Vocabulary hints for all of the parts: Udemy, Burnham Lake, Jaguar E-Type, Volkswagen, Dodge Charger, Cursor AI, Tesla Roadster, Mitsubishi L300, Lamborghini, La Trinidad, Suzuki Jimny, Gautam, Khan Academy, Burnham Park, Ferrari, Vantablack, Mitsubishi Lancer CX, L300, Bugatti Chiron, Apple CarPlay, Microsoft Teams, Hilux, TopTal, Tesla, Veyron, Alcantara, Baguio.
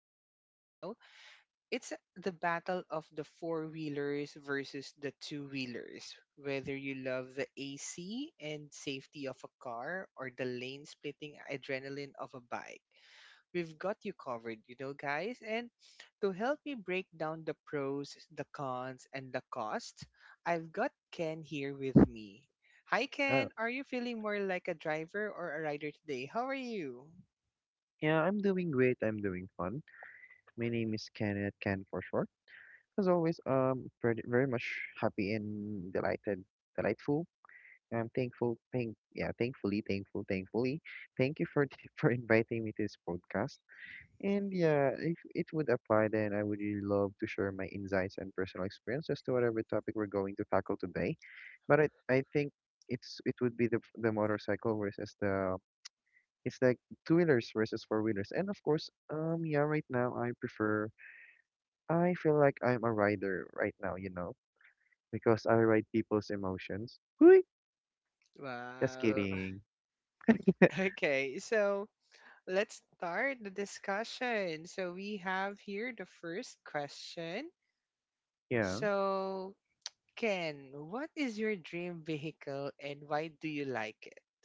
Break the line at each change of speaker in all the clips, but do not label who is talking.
differently. It's the battle of the four-wheelers versus the two-wheelers. Whether you love the AC and safety of a car or the lane-splitting adrenaline of a bike. We've got you covered, guys. And to help me break down the pros, the cons, and the cost, I've got Ken here with me. Hi,
Oh,
Ken. Are you feeling more like a driver or a rider today? How are you?
yeah, I'm doing great. I'm doing fun. My name is Kenneth, Ken for short. As always, very, very much happy and delighted, delightful. I'm thankfully. Thank you for for inviting me to this podcast. And yeah, if it would apply, then I would really love to share my insights and personal experiences to whatever topic we're going to tackle today. But I think it would be the motorcycle versus the. It's like two wheelers versus four wheelers. And of course, yeah, right now I feel like I'm a rider right now, you know, because I ride people's emotions. Hui! Just
Wow.
kidding.
Okay, so let's start the discussion. So we have here the first question.
Yeah.
So, Ken, what is your dream vehicle and why do you like it?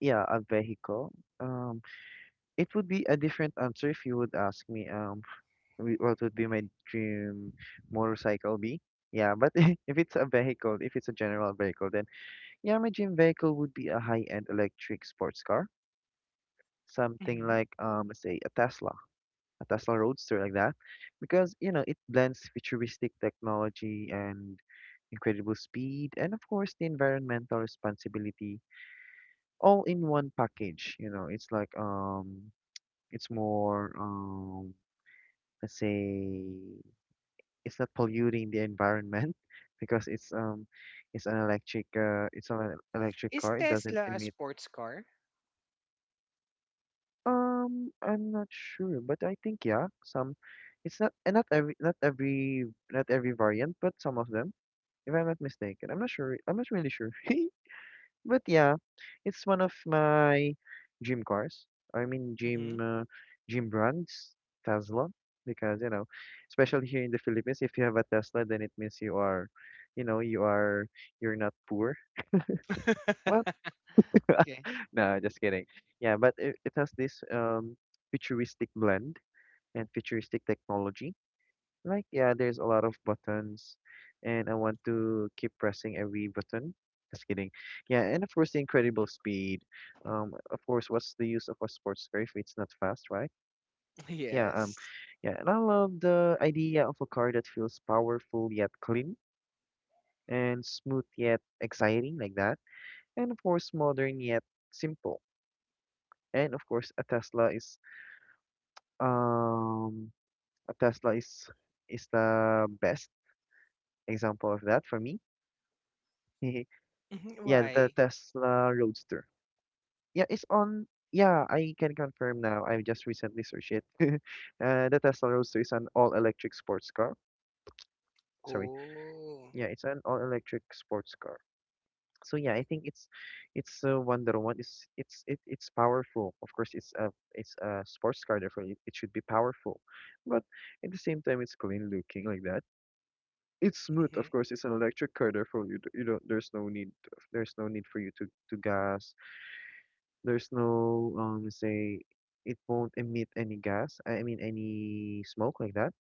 Yeah, a vehicle. Um, it would be a different answer if you would ask me, what would be my dream motorcycle be? Yeah, but if it's a vehicle, if it's a general vehicle, then yeah, my dream vehicle would be a high-end electric sports car, something
Mhm.
like, say, a Tesla Roadster like that, because you know it blends futuristic technology and incredible speed, and of course the environmental responsibility all in one package. You know, it's like it's more let's say it's not polluting the environment because it's an electric
Is
car. It doesn't
Tesla a
emit.
sports car?
I'm not sure, but I think yeah, some. It's not and not every variant, but some of them, if I'm not mistaken. I'm not sure. I'm not really sure. But yeah, it's one of my gym cars. I mean
Mm-hmm.
gym brands, Tesla, because you know, especially here in the Philippines, if you have a Tesla, then it means you are, you know, you're not poor. Well,
Okay.
no, just kidding. Yeah, but it has this futuristic blend and futuristic technology. Like, yeah, there's a lot of buttons, and I want to keep pressing every button. Just kidding. Yeah, and of course, the incredible speed. Of course, what's the use of a sports car if it's not fast, right? Yeah,
Yes.
yeah, and I love the idea of a car that feels powerful yet clean and smooth yet exciting, like that. And of course, modern yet simple. And of course, um a Tesla is the best example of that for me. Yeah, the
Why?
Tesla Roadster. Yeah, it's on. Yeah, I can confirm now. I just recently searched it. The Tesla Roadster is an all-electric sports car. Sorry.
Oh.
Yeah, it's an all-electric sports car. So yeah, I think it's a Wonder One. It's powerful. Of course, it's a sports car, therefore it should be powerful. But at the same time, it's clean looking like that. It's smooth,
Mm-hmm.
of course. It's an electric car, therefore you don't. There's no need. There's no need for you to gas. There's no say it won't emit any gas. I mean any smoke like that.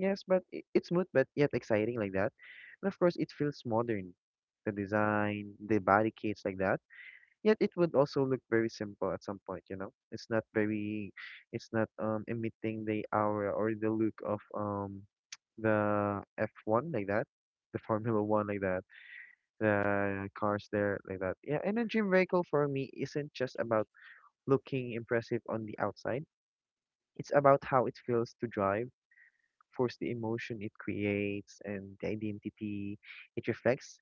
Yes, but it's smooth, but yet exciting like that. And of course, it feels modern. The design, the body kits like that. Yet it would also look very simple at some point, you know. It's not very, it's not emitting the aura or the look of the F1 like that, the Formula One like that, the cars there like that. Yeah, and a dream vehicle for me isn't just about looking impressive on the outside. It's about how it feels to drive, of the emotion it creates and the identity it reflects.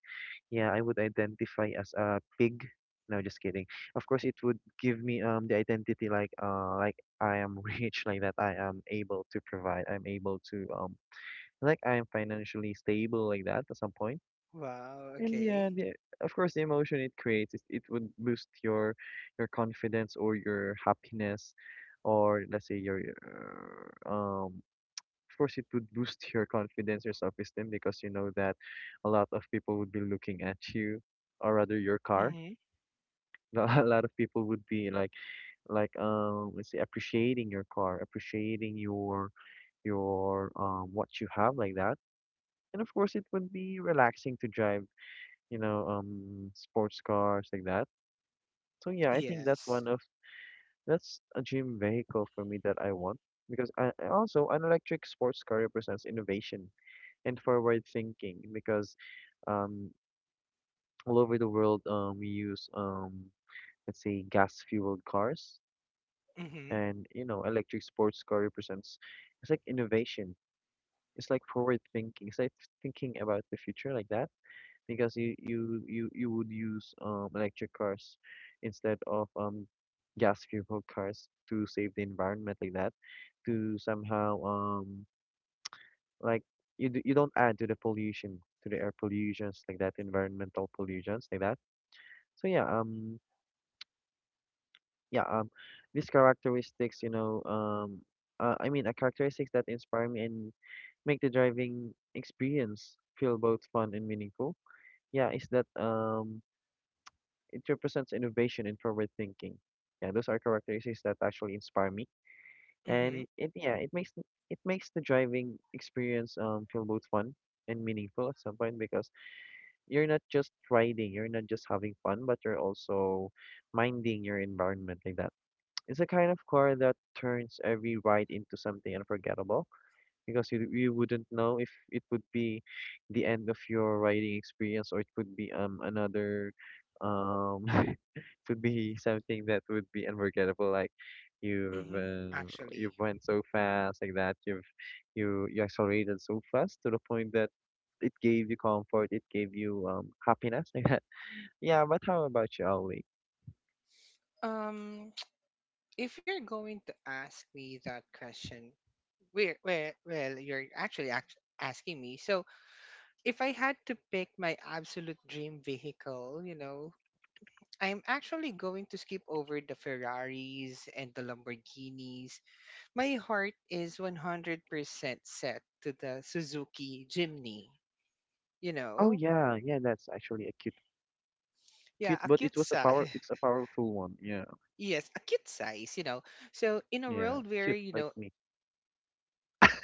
Yeah, I would identify as a pig. No, just kidding. Of course, it would give me the identity like I am rich, like that I am able to provide, I'm able to like I am financially stable like that at some point.
Wow.
And yeah,
Okay.
the of course the emotion it creates is it would boost your confidence or your happiness or let's say of course it would boost your confidence or self-esteem because you know that a lot of people would be looking at you or rather your car.
Mm-hmm.
A lot of people would be like let's say appreciating your car, appreciating your what you have like that, and of course it would be relaxing to drive, you know, sports cars like that. So yeah, I think that's
Yes.
one of that's a dream vehicle for me that I want, because I also an electric sports car represents innovation and forward thinking because um, all over the world we use let's say gas fueled cars,
Mm-hmm.
and you know electric sports car represents it's like innovation, it's like forward thinking, it's like thinking about the future like that, because you would use electric cars instead of gas fueled cars to save the environment like that, to somehow like you don't add to the pollution, to the air pollutions like that, environmental pollutions like that. So yeah um these characteristics, you know, I mean a characteristics that inspire me and make the driving experience feel both fun and meaningful. Yeah, is that it represents innovation and forward thinking. Yeah, those are characteristics that actually inspire me, and
Mm-hmm.
it makes the driving experience feel both fun and meaningful at some point, because you're not just riding, you're not just having fun, but you're also minding your environment like that. It's a kind of car that turns every ride into something unforgettable, because you wouldn't know if it would be the end of your riding experience, or it could be another um would be something that would be unforgettable. Like you've
Mm-hmm.
uh,
Actually,
you've went so fast like that. You accelerated so fast to the point that it gave you comfort. It gave you happiness like that. Yeah, but how about you, Ollie?
um, if you're going to ask me that question, where, well, you're actually asking me. So, if I had to pick my absolute dream vehicle, I'm actually going to skip over the Ferraris and the Lamborghinis. My heart is 100% set to the Suzuki Jimny, you
Oh
know?
yeah, yeah. That's actually a
Yeah,
cute,
a
but it
cute
was a
size.
power. It's a powerful one. Yeah,
Yes, a cute size. So, in a
yeah.
world where,
Cute
you
like
know,
me.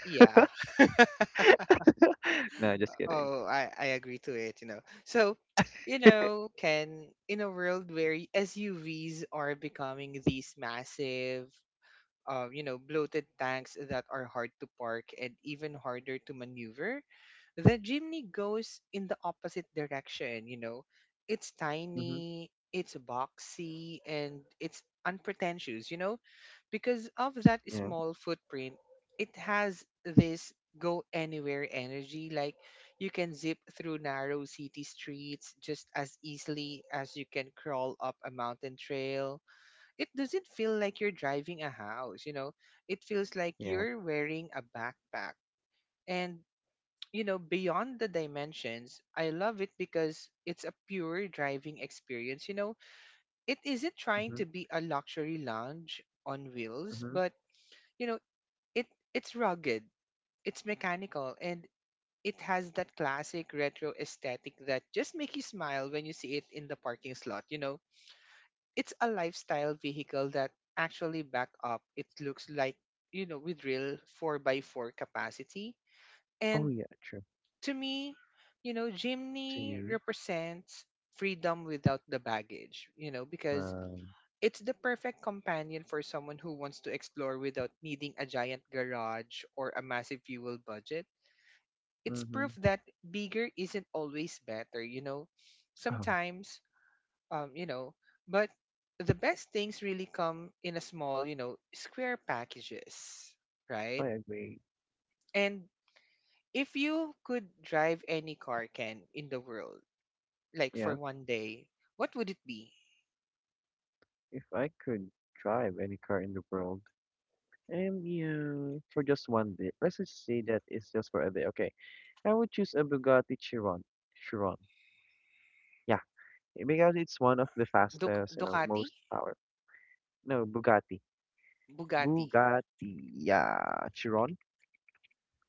yeah.
No, just kidding.
Oh, I agree to it. So, Ken, in a world where SUVs are becoming these massive, bloated tanks that are hard to park and even harder to maneuver, the Jimny goes in the opposite direction. It's
Mm-hmm.
tiny, it's boxy, and it's unpretentious. Because of that
Yeah,
small footprint, it has this go anywhere energy. Like you can zip through narrow city streets just as easily as you can crawl up a mountain trail. It doesn't feel like you're driving a house. It feels like
yeah.
you're wearing a backpack. And, beyond the dimensions, I love it because it's a pure driving experience. It isn't trying
Mm-hmm.
to be a luxury lounge on wheels,
Mm-hmm.
but, you know, it it's rugged, it's mechanical, and it has that classic retro aesthetic that just make you smile when you see it in the parking slot. It's a lifestyle vehicle that actually back up it looks like with real 4 by 4 capacity.
Oh
And
yeah, true.
to me,
To
Jimny
you.
represents freedom without the baggage, because
Um.
it's the perfect companion for someone who wants to explore without needing a giant garage or a massive fuel budget. It's
Mm-hmm.
proof that bigger isn't always better.
Oh,
Sometimes um, you know, but the best things really come in a small, square packages, right?
I agree.
And if you could drive any car can in the world, like for
Yeah.
one day, what would it be?
If I could drive any car in the world, and you for just one day, let's just say that it's just for a day. Okay, I would choose a Bugatti Chiron. Chiron, yeah, because it's one of the fastest, you know,
Ducati,
most power. No, Bugatti,
Bugatti.
Bugatti, yeah, Chiron,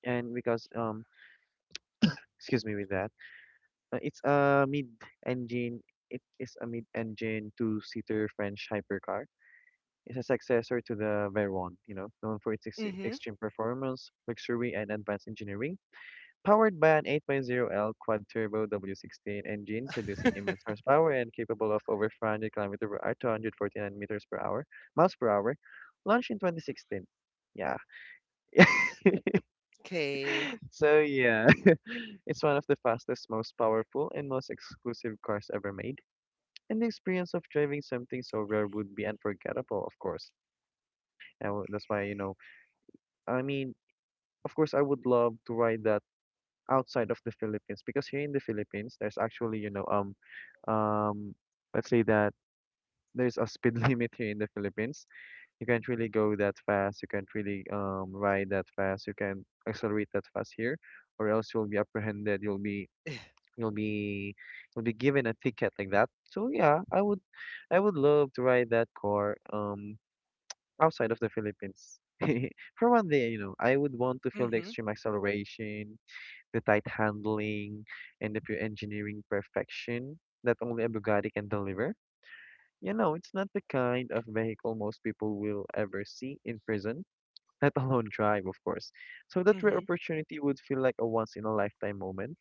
and because excuse me with that, it's a mid-engine. It is a mid-engine two-seater French hypercar, is a successor to the Veyron, you know, known for its
Mm-hmm.
extreme performance, luxury, and advanced engineering. Powered by an 8.0 L quad-turbo W16 engine producing immense horsepower and capable of over 500 kilometers per hour, 249 meters per hour, miles per hour, launched in 2016. Yeah.
Okay.
So yeah, it's one of the fastest, most powerful, and most exclusive cars ever made. And the experience of driving something so rare would be unforgettable, of course. And that's why, you know, I mean, of course, I would love to ride that outside of the Philippines, because here in the Philippines, there's actually, you know, um, let's say that there's a speed limit here in the Philippines. You can't really go that fast. You can't really ride that fast. You can't accelerate that fast here, or else you'll be apprehended. You'll be you'll be given a ticket like that. So yeah, I would love to ride that car outside of the Philippines. For one day, you know, I would want to feel the
Mm-hmm.
extreme acceleration, the tight handling, and the pure engineering perfection that only a Bugatti can deliver. You know, it's not the kind of vehicle most people will ever see in prison, let alone drive, of course. So that rare
Mm-hmm.
opportunity would feel like a once in a lifetime moment.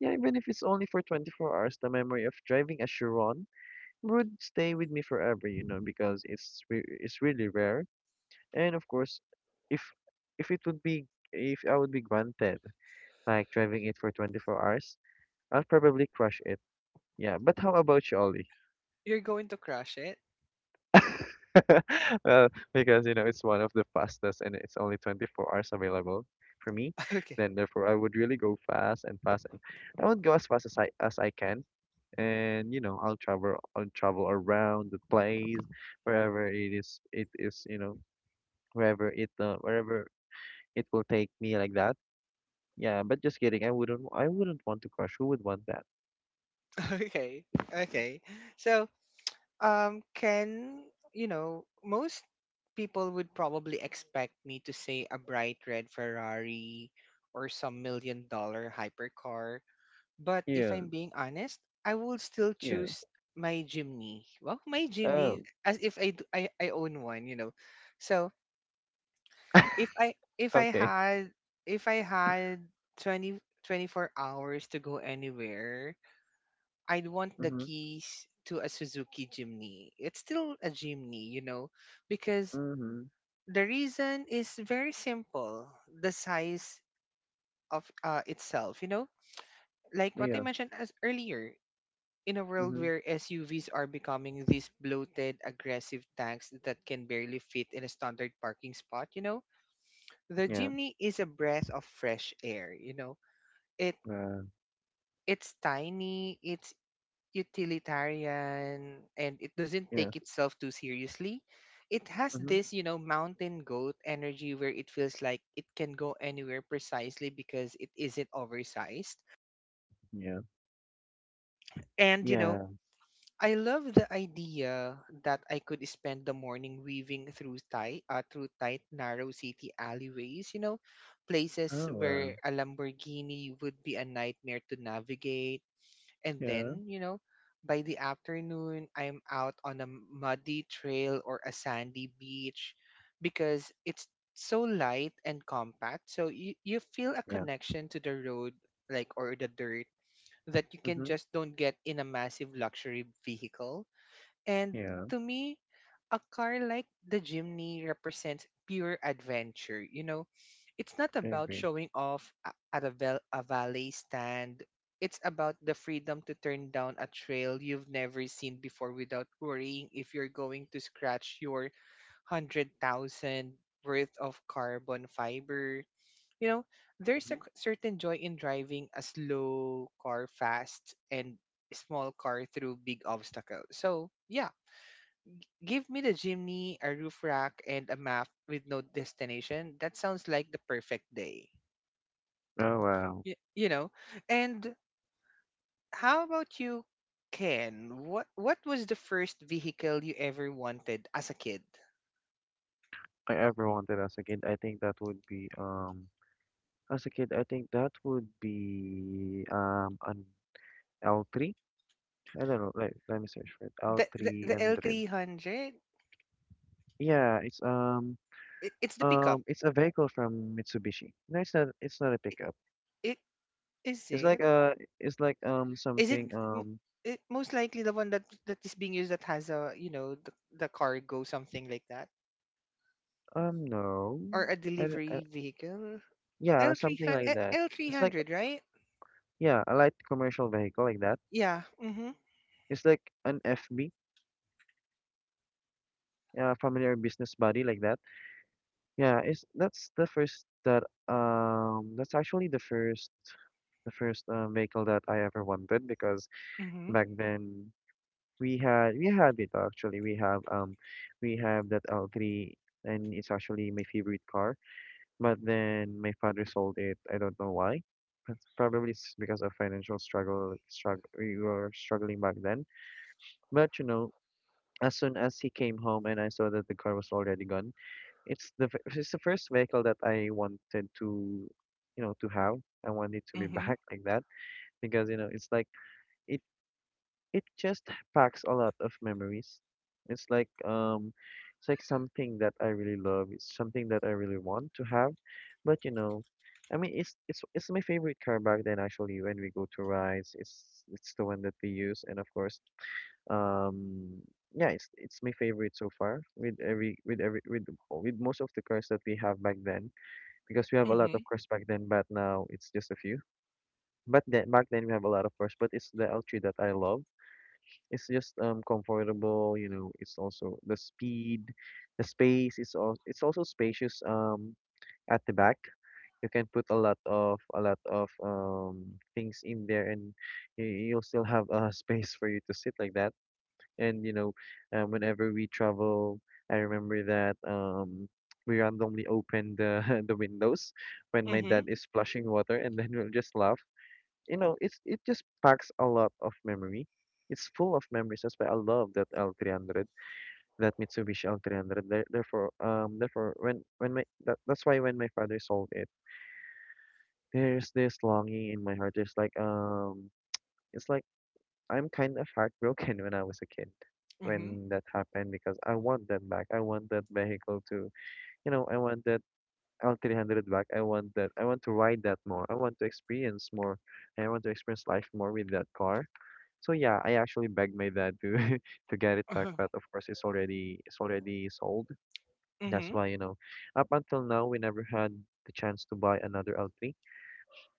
Yeah, even if it's only for 24 hours, the memory of driving a Chiron would stay with me forever, you know, because it's really rare. And of course, if if it would be if I would be granted like driving it for 24 hours, I'll probably crush it. Yeah, but how about you, Ollie?
You're going to crush it.
Well, because you know it's one of the fastest and it's only 24 hours available for me.
Okay.
Then therefore I would really go fast and fast and I would go as fast as I can. And you know, I'll travel around the place wherever it is, you know, wherever it will take me like that. Yeah, but just kidding. I wouldn't want to crush. Who would want that?
Okay. Okay. So can most people would probably expect me to say a bright red Ferrari or some million-dollar hypercar, but if
Yeah,
I'm being honest, I will still
yeah.
choose my Jimny. Well, my Jimny,
Oh,
as if I, d- I own one, you know. So if i if i
okay.
had if i had 20 24 hours to go anywhere, I'd want the
Mm-hmm.
keys to a Suzuki Jimny. It's still a Jimny, because
Mm-hmm.
the reason is very simple. The size of itself, like what I
Yeah.
mentioned as earlier, in a world
Mhm.
where SUVs are becoming these bloated, aggressive tanks that can barely fit in a standard parking spot, the
Yeah.
Jimny is a breath of fresh air. It
Wow.
it's tiny, it's utilitarian, and it doesn't
Yeah.
take itself too seriously. It has
Mhm.
this mountain goat energy where it feels like it can go anywhere precisely because it isn't oversized.
Yeah.
And,
Yeah.
I love the idea that I could spend the morning weaving through tight, narrow city alleyways, places
Oh wow.
where a Lamborghini would be a nightmare to navigate. And
Yeah.
then, by the afternoon, I'm out on a muddy trail or a sandy beach because it's so light and compact. So you feel a
Yeah.
connection to the road, like, or the dirt that you can
Mhm.
just don't get in a massive luxury vehicle. And
Yeah.
to me, a car like the Jimny represents pure adventure. You know, it's not
I
about
agree.
showing off at a valet stand. It's about the freedom to turn down a trail you've never seen before without worrying if you're going to scratch your 100,000 worth of carbon fiber. You know, there's a
Mhm.
certain joy in driving a slow car fast and small car through big obstacles. So, yeah, give me the chimney, a roof rack, and a map with no destination. That sounds like the perfect day.
Oh wow.
You know? And how about you, Ken? What was the first vehicle you ever wanted as a kid?
I ever wanted as a kid. I think that would be as a kid. I think that would be an L three. I don't know. Let me search for it. L
The the,
three
the
hundred.
L300?
Yeah.
It's the pickup.
It's a vehicle from Mitsubishi. No, it's not. It's not a
I-
pickup.
It is
It's like
it?
uh it's like
Is it
something
m- it, most likely the one that is being used that has a, the cargo something like that
No.
or a
I, d- I-
delivery vehicle?
yeah, like something like
L300
that. It's like,
L300, right?
yeah, a light commercial vehicle like that.
Yeah. Mhm.
It's like an FB, family or business body like that. Yeah, it's that's the first that's actually the first the first vehicle that I ever wanted because
Mhm.
back then we have it actually. We have that L3, and it's actually my favorite car. But then my father sold it. I don't know why. That's probably because of financial struggle; we were struggling back then. But you know, as soon as he came home and I saw that the car was already gone, it's the first vehicle that I wanted to, you know, to have. I wanted to be
Mhm.
back like that, because you know it's like it it just packs a lot of memories. It's like um, it's like something that I really love. It's something that I really want to have, but you know, I mean, it's it's my favorite car back then actually. When we go to rides, it's the one that we use, and of course, um, yeah, it's my favorite so far with every with every with most of the cars that we have back then, because we have a lot of
Mhm.
cars back then, but now it's just a few. But then back then we have a lot of cars, but it's the L3 that I love. It's just comfortable, you know. It's also the speed, the space. It's also spacious at the back. You can put a lot of things in there, and you'll still have a space for you to sit like that. And you know, whenever we travel, I remember that we randomly open the the windows when my
Mhm.
dad is splashing water, and then we'll just laugh. You know, it just packs a lot of memory. It's full of memories. That's why I love that L300, that Mitsubishi L300. There, therefore, therefore, when my that, that's why when my father sold it, there's this longing in my heart. There's like it's like I'm kind of heartbroken when I was a kid,
Mhm.
when that happened, because I want that back. I want that vehicle to, you know, I want that L300 back. I want that. I want to ride that more. I want to experience more. I want to experience life more with that car. So yeah, I actually begged my dad to to get it back,
Uh-huh.
but of course it's already sold. That's
Mhm.
why, you know, up until now we never had the chance to buy another L3.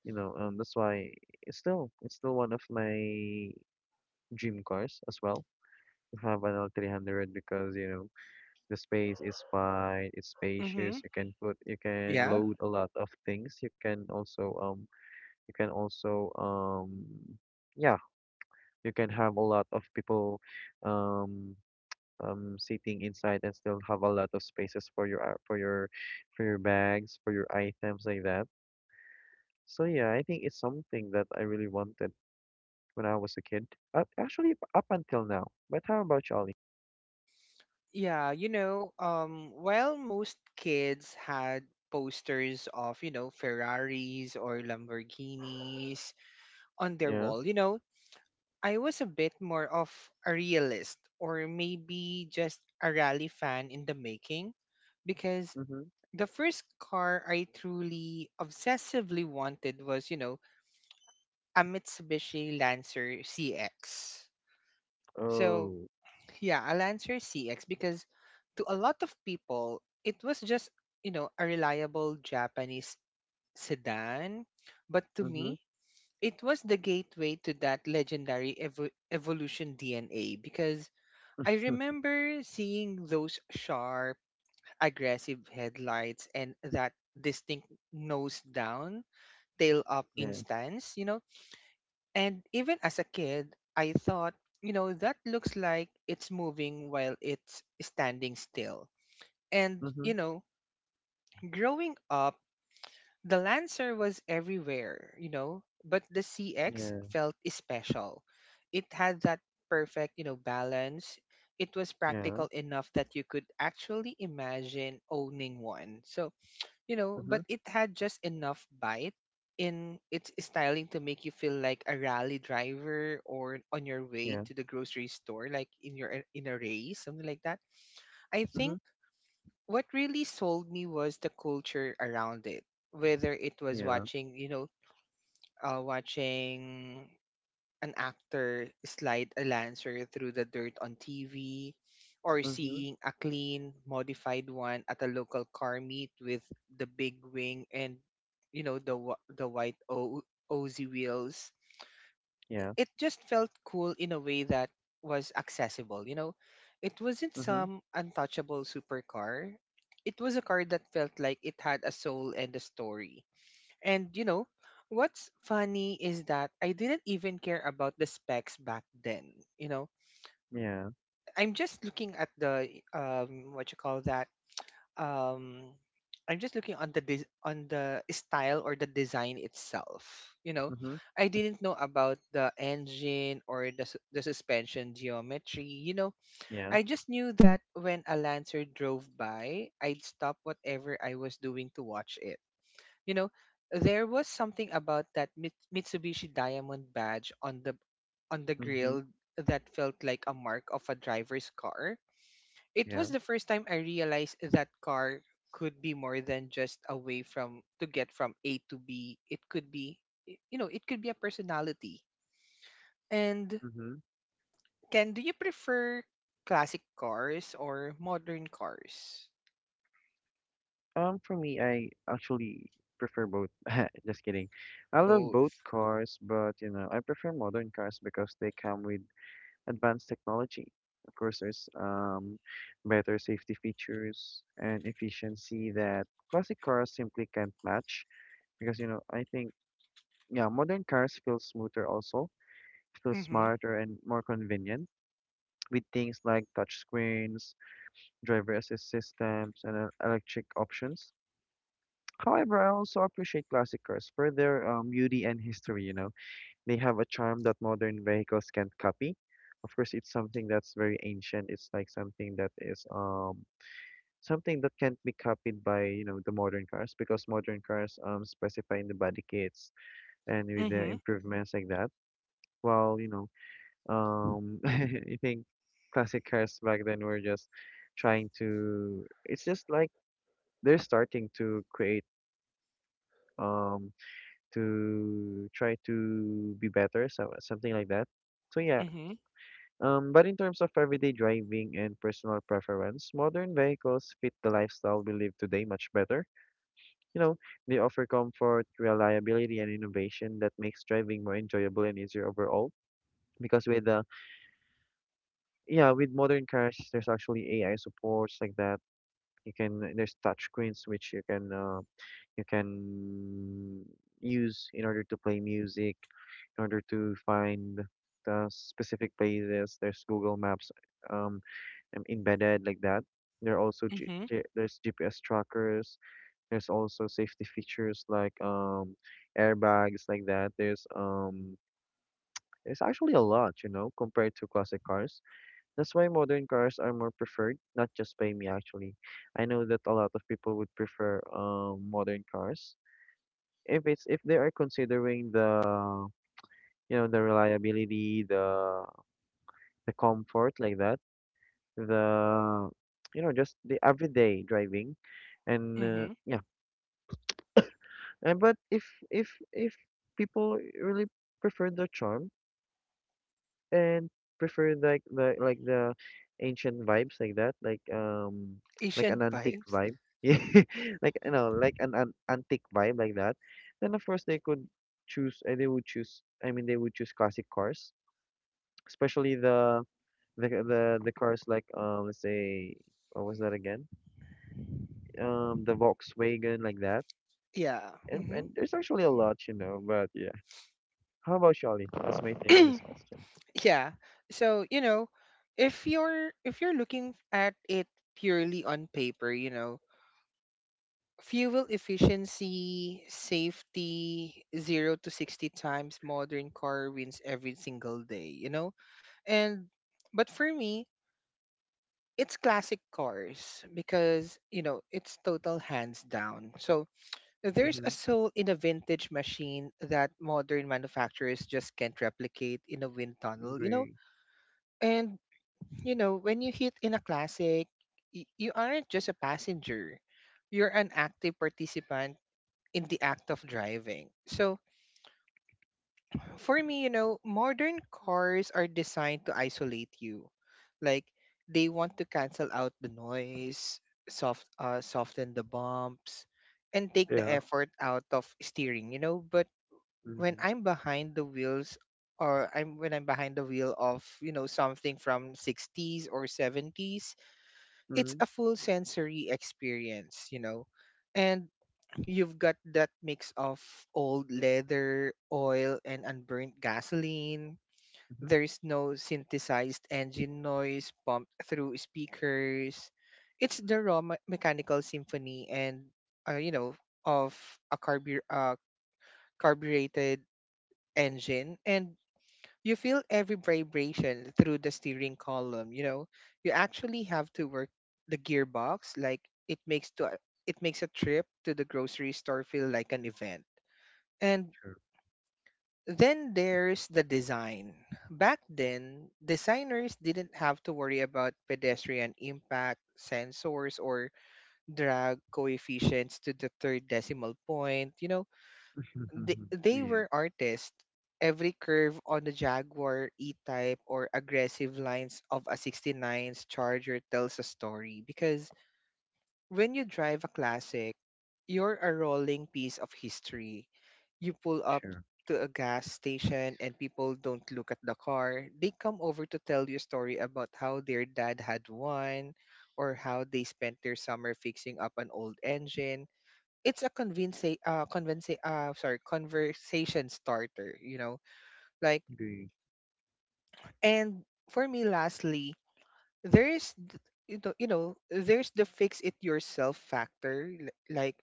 You know, that's why it's still one of my dream cars as well, to have an L300, because you know the space is wide, it's spacious.
Mhm.
You can
Yeah.
load a lot of things. You can also yeah, you can have a lot of people um sitting inside and still have a lot of spaces for your for your bags, for your items like that. So yeah, I think it's something that I really wanted when I was a kid. Actually, up until now. But how about you, Ollie?
Yeah, while most kids had posters of, Ferraris or Lamborghinis on their
Yeah.
wall, I was a bit more of a realist, or maybe just a rally fan in the making, because
Mm-hmm.
the first car I truly obsessively wanted was, a Mitsubishi Lancer CX. So,
Oh.
yeah, a Lancer CX because to a lot of people, it was just, a reliable Japanese sedan. But to
Mm-hmm.
me, it was the gateway to that legendary evolution DNA because I remember seeing those sharp, aggressive headlights and that distinct nose down, tail up
Yeah.
instance. And even as a kid, I thought, that looks like it's moving while it's standing still. And,
Mm-hmm.
you know, growing up, the Lancer was everywhere, but the CX
Yeah.
felt special. It had that perfect, balance. It was
Yeah.
practical enough that you could actually imagine owning one. So but
Mm-hmm.
it had just enough bite in its styling to make you feel like a rally driver or on your way
Yeah.
to the grocery store, like in a race, something like that. I think
Mm-hmm.
what really sold me was the culture around it, whether it was
Yeah.
watching an actor slide a lancer through the dirt on TV, or
Mm-hmm.
seeing a clean, modified one at a local car meet with the big wing and the white Ozy wheels.
Yeah.
It just felt cool in a way that was accessible. It wasn't
Mm-hmm.
some untouchable supercar. It was a car that felt like it had a soul and a story. And what's funny is that I didn't even care about the specs back then. You know,
Yeah.
I'm just looking at the what you call that um I'm just looking on the on the style or the design itself.
Mm-hmm.
I didn't know about the engine or the suspension geometry.
Yeah.
I just knew that when a Lancer drove by, I'd stop whatever I was doing to watch it you know, there was something about that Mitsubishi Diamond badge on the
Mm-hmm.
grill that felt like a mark of a driver's car. It was
Yeah.
the first time I realized that car could be more than just a way from to get from A to B. It could be it could be a personality. And
Mm-hmm.
Ken, do you prefer classic cars or modern cars?
For me, I actually prefer both. Just kidding. I love both
Both.
cars, but you know, I prefer modern cars because they come with advanced technology. Of course, there's better safety features and efficiency that classic cars simply can't match. Because you know, I think, yeah, modern cars feel smoother also, feel
Mm-hmm.
smarter and more convenient with things like touch screens, driver assist systems, and electric options. However, I also appreciate classic cars for their beauty and history, you know. They have a charm that modern vehicles can't copy. Of course, it's something that's very ancient. It's like something that is something that can't be copied by, you know, the modern cars, because modern cars specify in the body kits and with the
Mm-hmm.
improvements like that. While, you know, I think classic cars back then were just trying to it's just like they're starting to create um to try to be better, so something like that. So yeah,
Mm-hmm.
but in terms of everyday driving and personal preference, modern vehicles fit the lifestyle we live today much better. You know, they offer comfort, reliability, and innovation that makes driving more enjoyable and easier overall. Because with the yeah, with modern cars, there's actually AI supports like that. You can there's touch screens which you can use in order to play music, in order to find the specific places. There's Google Maps um embedded like that. There are also G
Mm-hmm.
G there's GPS trackers. There's also safety features like airbags like that. There's actually a lot, you know, compared to classic cars. That's why modern cars are more preferred, not just by me actually. I know that a lot of people would prefer modern cars if it's if they are considering the, you know, the reliability, the comfort like that, the you know, just the everyday driving and
Mm-hmm.
yeah. But if people really prefer the charm and prefer like the ancient vibes like that, like like an
Asian
antique
vibes.
vibe, yeah, like, you know, like an antique vibe like that, then of course they could choose, I mean they would choose classic cars, especially the cars like, um, let's say, what was that again, the Volkswagen like that.
Yeah.
And
Hmm.
and there's actually a lot, you know, but yeah. How about Charlie? That's my take on this question.
Yeah. So, if you're looking at it purely on paper, fuel efficiency, safety, 0 to 60 times modern car wins every single day? And but for me, it's classic cars because, it's total hands down. So, there's
Mm-hmm.
a soul in a vintage machine that modern manufacturers just can't replicate in a wind tunnel. You know,
Agree.
And you know, when you hit in a classic, you aren't just a passenger. You're an active participant in the act of driving. So, for me, modern cars are designed to isolate you. Like they want to cancel out the noise, soften the bumps, and take the
Yeah.
effort out of steering, but when
Mm-hmm.
I'm behind the wheels or I'm when I'm behind the wheel of, something from 60s or 70s, it's
Mm-hmm.
a full sensory experience. And you've got that mix of old leather, oil, and unburnt gasoline.
Mm-hmm.
There's no synthesized engine noise pumped through speakers. It's the raw mechanical symphony uh, you know, of a carbureted engine. And you feel every vibration through the steering column, you know. You actually have to work the gearbox like it makes to uh, it makes a trip to the grocery store feel like an event. And
Sure.
then there's the design. Back then, designers didn't have to worry about pedestrian impact, sensors, or drag coefficients to the third decimal point. You know, they
Yeah.
were artists. Every curve on the Jaguar E-Type or aggressive lines of a 69's Charger tells a story because when you drive a classic, you're a rolling piece of history. You pull up
Sure.
to a gas station and people don't look at the car. They come over to tell you a story about how their dad had one or how they spent their summer fixing up an old engine. It's a convince convince sorry conversation starter, you know like
Agree.
and for me lastly, there's th- you know there's the fix it yourself factor, like,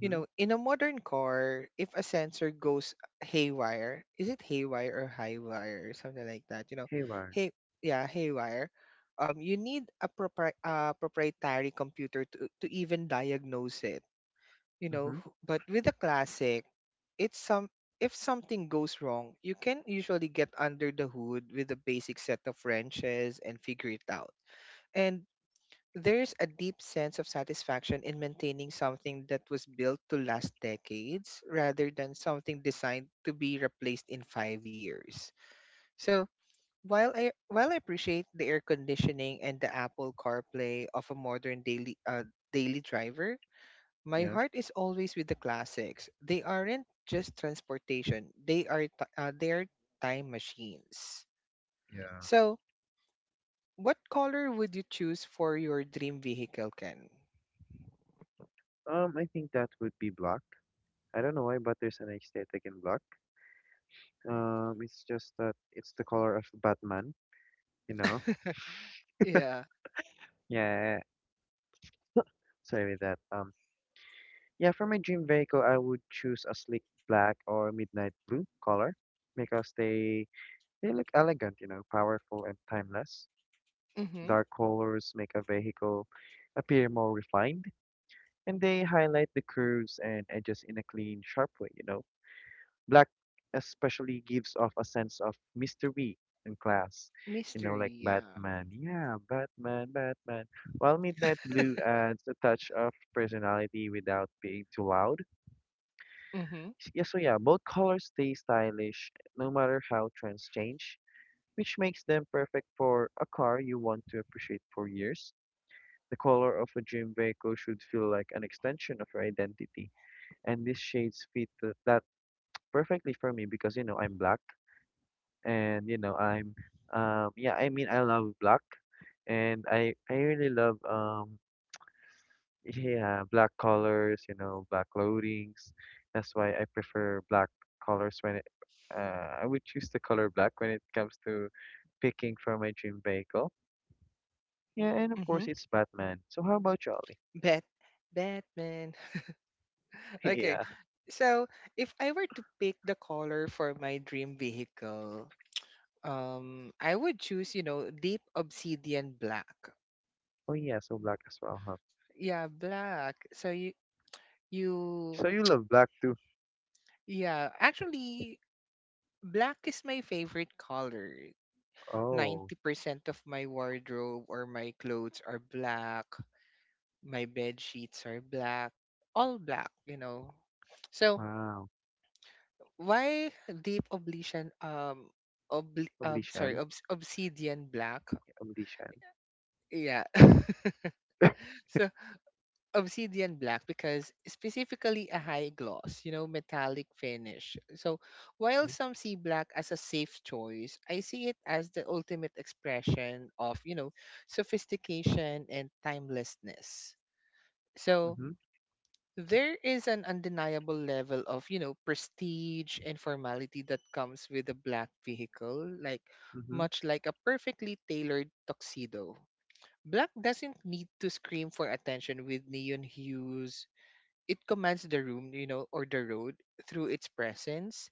you know, in a modern car if a sensor goes haywire, is it haywire or haywire or something like that you know
Haywire.
hey yeah haywire you need a proprietary computer to even diagnose it, you know.
Mm-hmm.
But with the classic, it's some if something goes wrong, you can usually get under the hood with a basic set of wrenches and figure it out. And there's a deep sense of satisfaction in maintaining something that was built to last decades rather than something designed to be replaced in 5 years. So, while I appreciate the air conditioning and the Apple CarPlay of a modern daily driver, my
Yeah.
heart is always with the classics. They aren't just transportation. They are time machines.
Yeah.
So, what color would you choose for your dream vehicle, Ken?
I think that would be black. I don't know why, but there's an aesthetic in black. It's just that it's the color of Batman. You know.
Yeah.
Yeah. Sorry with that. Yeah, for my dream vehicle, I would choose a sleek black or midnight blue color because they look elegant, you know, powerful and timeless.
Hmm.
Dark colors make a vehicle appear more refined, and they highlight the curves and edges in a clean, sharp way, you know. Black especially gives off a sense of mystery and class, you know,
Mystery,
like
yeah.
Batman. Yeah, Batman. While midnight blue adds a touch of personality without being too loud.
Mm-hmm.
Yeah, both colors stay stylish no matter how trends change, which makes them perfect for a car you want to appreciate for years. The color of a dream vehicle should feel like an extension of your identity, and these shades fit that perfectly for me, because you know I'm black, and you know I'm, yeah, I mean I love black, and I really love. Yeah, black colors, you know, black loadings. That's why I prefer black colors I would choose the color black when it comes to picking for my dream vehicle. Yeah, and of
Mm-hmm.
course it's Batman. So how about you, Ollie?
Bat Batman. Okay.
Yeah.
So if I were to pick the color for my dream vehicle, I would choose, you know, deep obsidian black.
Oh yeah, so black as well, huh?
Yeah, black. So you
So you love black too?
Yeah, actually, black is my favorite color.
Oh,
90% of my wardrobe or my clothes are black. My bed sheets are black. All black, you know. So,
wow.
why deep oblivion obli- sorry,
Oblishan.
obs- obsidian black?
Oblishan.
Yeah. So obsidian black because specifically a high gloss, you know, metallic finish. So while
Mm-hmm.
some see black as a safe choice, I see it as the ultimate expression of, you know, sophistication and timelessness. So
Mm-hmm.
there is an undeniable level of, you know, prestige and formality that comes with a black vehicle, like
Mm-hmm.
much like a perfectly tailored tuxedo. Black doesn't need to scream for attention with neon hues, it commands the room, you know, or the road through its presence.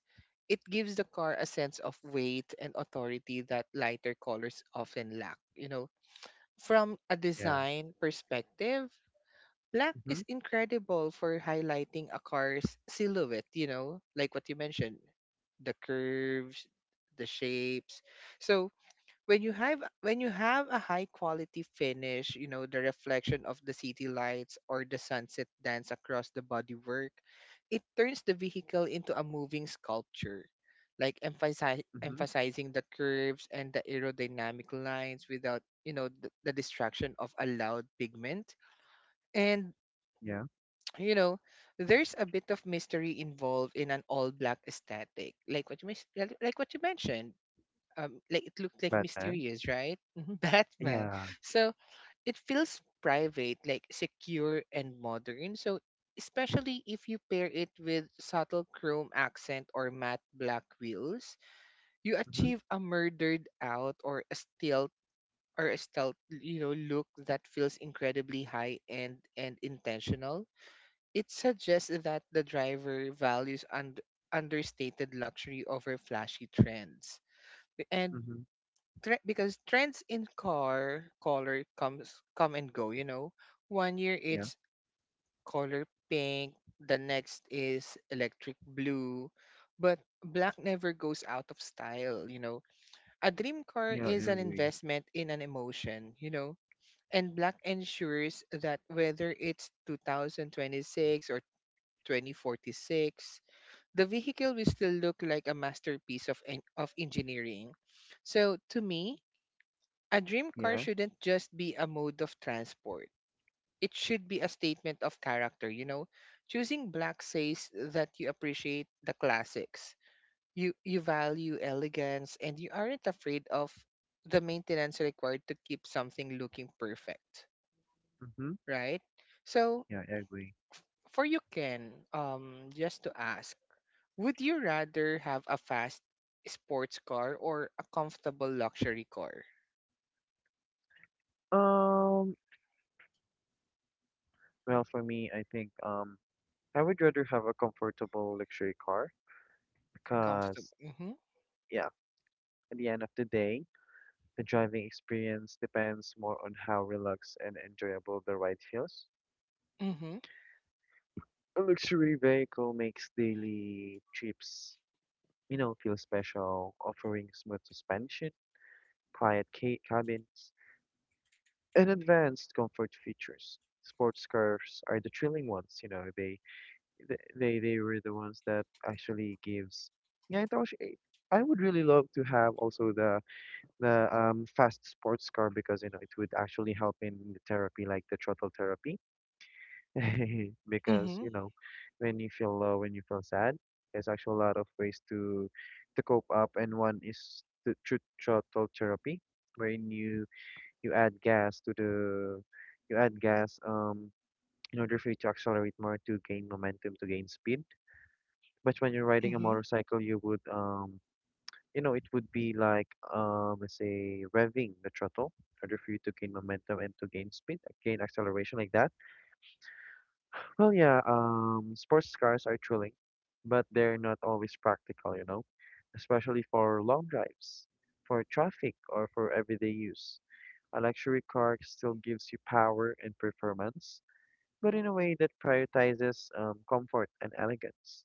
It gives the car a sense of weight and authority that lighter colors often lack, you know. From a
Yeah.
design perspective, black
Mm-hmm.
is incredible for highlighting a car's silhouette, you know, like what you mentioned, the curves, the shapes. So when you have a high quality finish, you know, the reflection of the city lights or the sunset dance across the bodywork, it turns the vehicle into a moving sculpture, like
Mm-hmm.
emphasizing the curves and the aerodynamic lines without, you know, the distraction of a loud pigment. And
Yeah.
you know, there's a bit of mystery involved in an all black aesthetic, like what you mentioned, like it looked like
Batman.
mysterious, right? Batman.
Yeah.
So it feels private, like secure and modern. So especially if you pair it with subtle chrome accent or matte black wheels, you
Mm-hmm.
achieve a murdered out or a stealth, you know, look that feels incredibly high end and intentional. It suggests that the driver values understated luxury over flashy trends. And
Mm-hmm.
because trends in car color come and go, you know. One year
Yeah.
it's color pink, the next is electric blue, but black never goes out of style, you know. A dream car
Yeah, I
is an
agree.
investment in an emotion, you know. And black ensures that whether it's 2026 or 2046, the vehicle will still look like a masterpiece of of engineering. So to me, a dream car
Yeah.
shouldn't just be a mode of transport. It should be a statement of character, you know. Choosing black says that you appreciate the classics. You value elegance and you aren't afraid of the maintenance required to keep something looking perfect,
Mm-hmm.
right? So,
Yeah, I agree.
for you, Ken, um, just to ask, would you rather have a fast sports car or a comfortable luxury car?
Um, well, for me, I think I would rather have a comfortable luxury car because,
Comfortable. Mhm.
yeah, at the end of the day, the driving experience depends more on how relaxed and enjoyable the ride feels.
Mhm.
A luxury vehicle makes daily trips, you know, feel special, offering smooth suspension, quiet ca cabins, and advanced comfort features. Sports cars are the thrilling ones, you know, they were the ones that actually gives yeah it also, I would really love to have also the fast sports car because you know it would actually help in the therapy, like the throttle therapy because
Mhm.
you know when you feel low, when you feel sad, there's actually a lot of ways to cope up, and one is the throttle therapy, wherein you you add gas to the you add gas in order for you to accelerate more, to gain momentum, to gain speed. But when you're riding a
Mhm.
motorcycle, you would, you know, it would be like, let's say, revving the throttle in order for you to gain momentum and to gain speed, gain acceleration like that. Well, yeah, sports cars are thrilling, but they're not always practical, you know, especially for long drives, for traffic, or for everyday use. A luxury car still gives you power and performance, but in a way that prioritizes, comfort and elegance.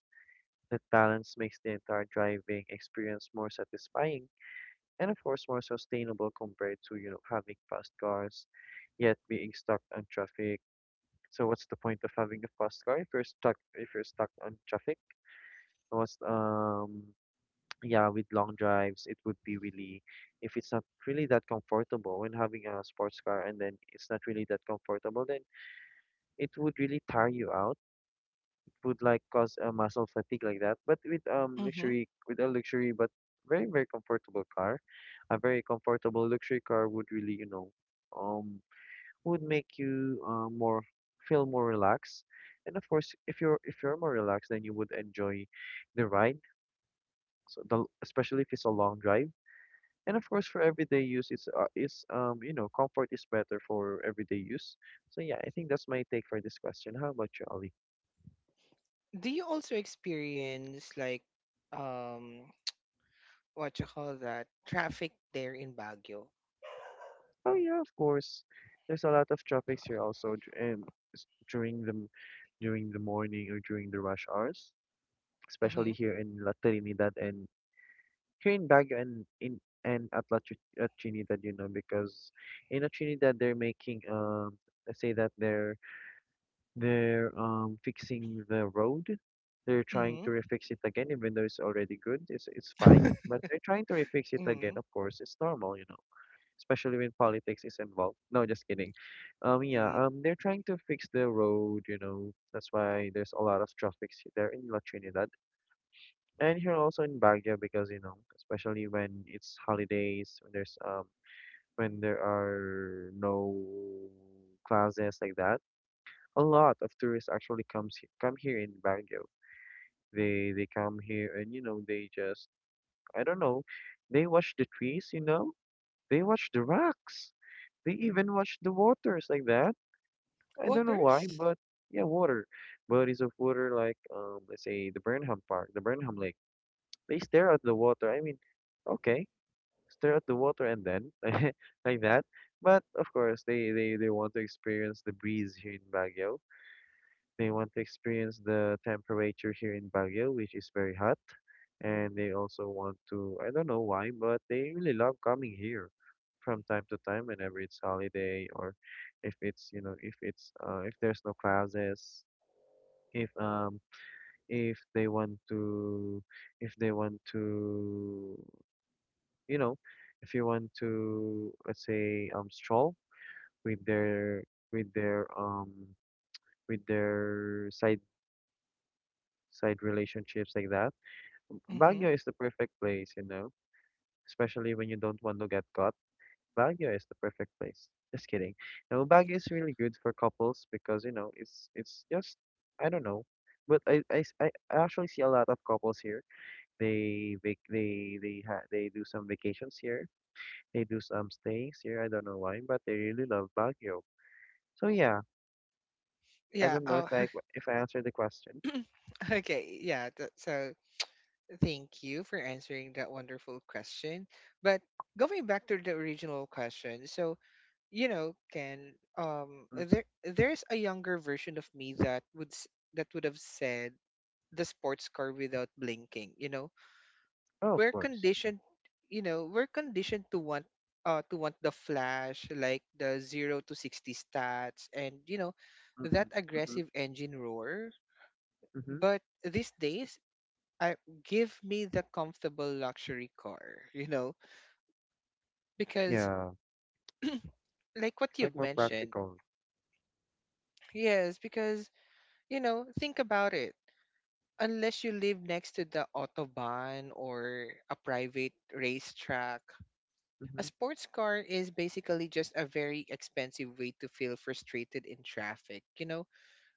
That balance makes the entire driving experience more satisfying and, of course, more sustainable compared to, you know, having fast cars, yet being stuck on traffic. So what's the point of having a fast car if you're stuck on traffic? What's yeah, with long drives, it would be really if it's not really that comfortable when having a sports car, and then it's not really that comfortable, then it would really tire you out, would like cause a muscle fatigue like that. But with
Hmm.
luxury, with a luxury but very comfortable car, a very comfortable luxury car would really you know, um, would make you more feel more relaxed. And of course, if you're more relaxed, then you would enjoy the ride. So the especially if it's a long drive. And of course, for everyday use, it's is you know comfort is better for everyday use. So yeah, I think that's my take for this question. How about you, Ali?
Do you also experience like, um, what you call that traffic there in Baguio?
Oh yeah, of course. There's a lot of traffics here also during the morning or during the rush hours, especially
Mm-hmm.
here in La Trinidad and here in Baguio, and in and at at Trinidad, you know, because in La Trinidad they're making let's say that they're fixing the road. They're trying
Mm-hmm.
to refix it again, even though it's already good. It's fine, but they're trying to refix it again.
Mm-hmm.
Of course, it's normal, you know, especially when politics is involved. No, just kidding. Yeah,
Mm.
they're trying to fix the road, you know. That's why there's a lot of traffic there in La Trinidad and here also in Baguio, because you know, especially when it's holidays, when there are no classes like that, a lot of tourists actually comes come here in Baguio. They come here and you know they just I don't know, they watch the trees, you know, they watch the rocks. They even watch the waters like that. I don't know why,
Waters?
but yeah, water. Bodies of water like let's say the Burnham Park, the Burnham Lake. They stare at the water. I mean, okay, stare at the water and then like that. But of course, they want to experience the breeze here in Baguio. They want to experience the temperature here in Baguio, which is very hot, and they also want to I don't know why, but they really love coming here from time to time whenever it's holiday or if it's you know if it's if there's no classes, if um if they want to you know, if you want to let's say stroll with their with their um with their side relationships like that.
Mm-hmm.
Baguio is the perfect place, you know, especially when you don't want to get caught, Baguio is the perfect place. Just kidding. No, Baguio is really good for couples because, you know, it's just I don't know. But I, s- I actually see a lot of couples here. They do some vacations here. They do some stays here. I don't know why, but they really love Baguio. So yeah, I
Yeah.
don't know if
Oh,
I if I answered the question.
okay. Yeah. So thank you for answering that wonderful question. But going back to the original question, so you know, can there
Mm-hmm.
there's a younger version of me that would have said the sports car without blinking. You know,
Oh, of
we're
course.
conditioned. You know, we're conditioned to want the flash, like the 0 to 60 stats, and you know,
Mm-hmm.
that
Mm-hmm.
aggressive engine roar.
Mm-hmm.
But these days, I give me the comfortable luxury car. You know, because
Yeah,
like what
it's like
you've
more
mentioned,
practical.
yes, because you know, think about it, unless you live next to the autobahn or a private racetrack.
Mm-hmm.
A sports car is basically just a very expensive way to feel frustrated in traffic. You know,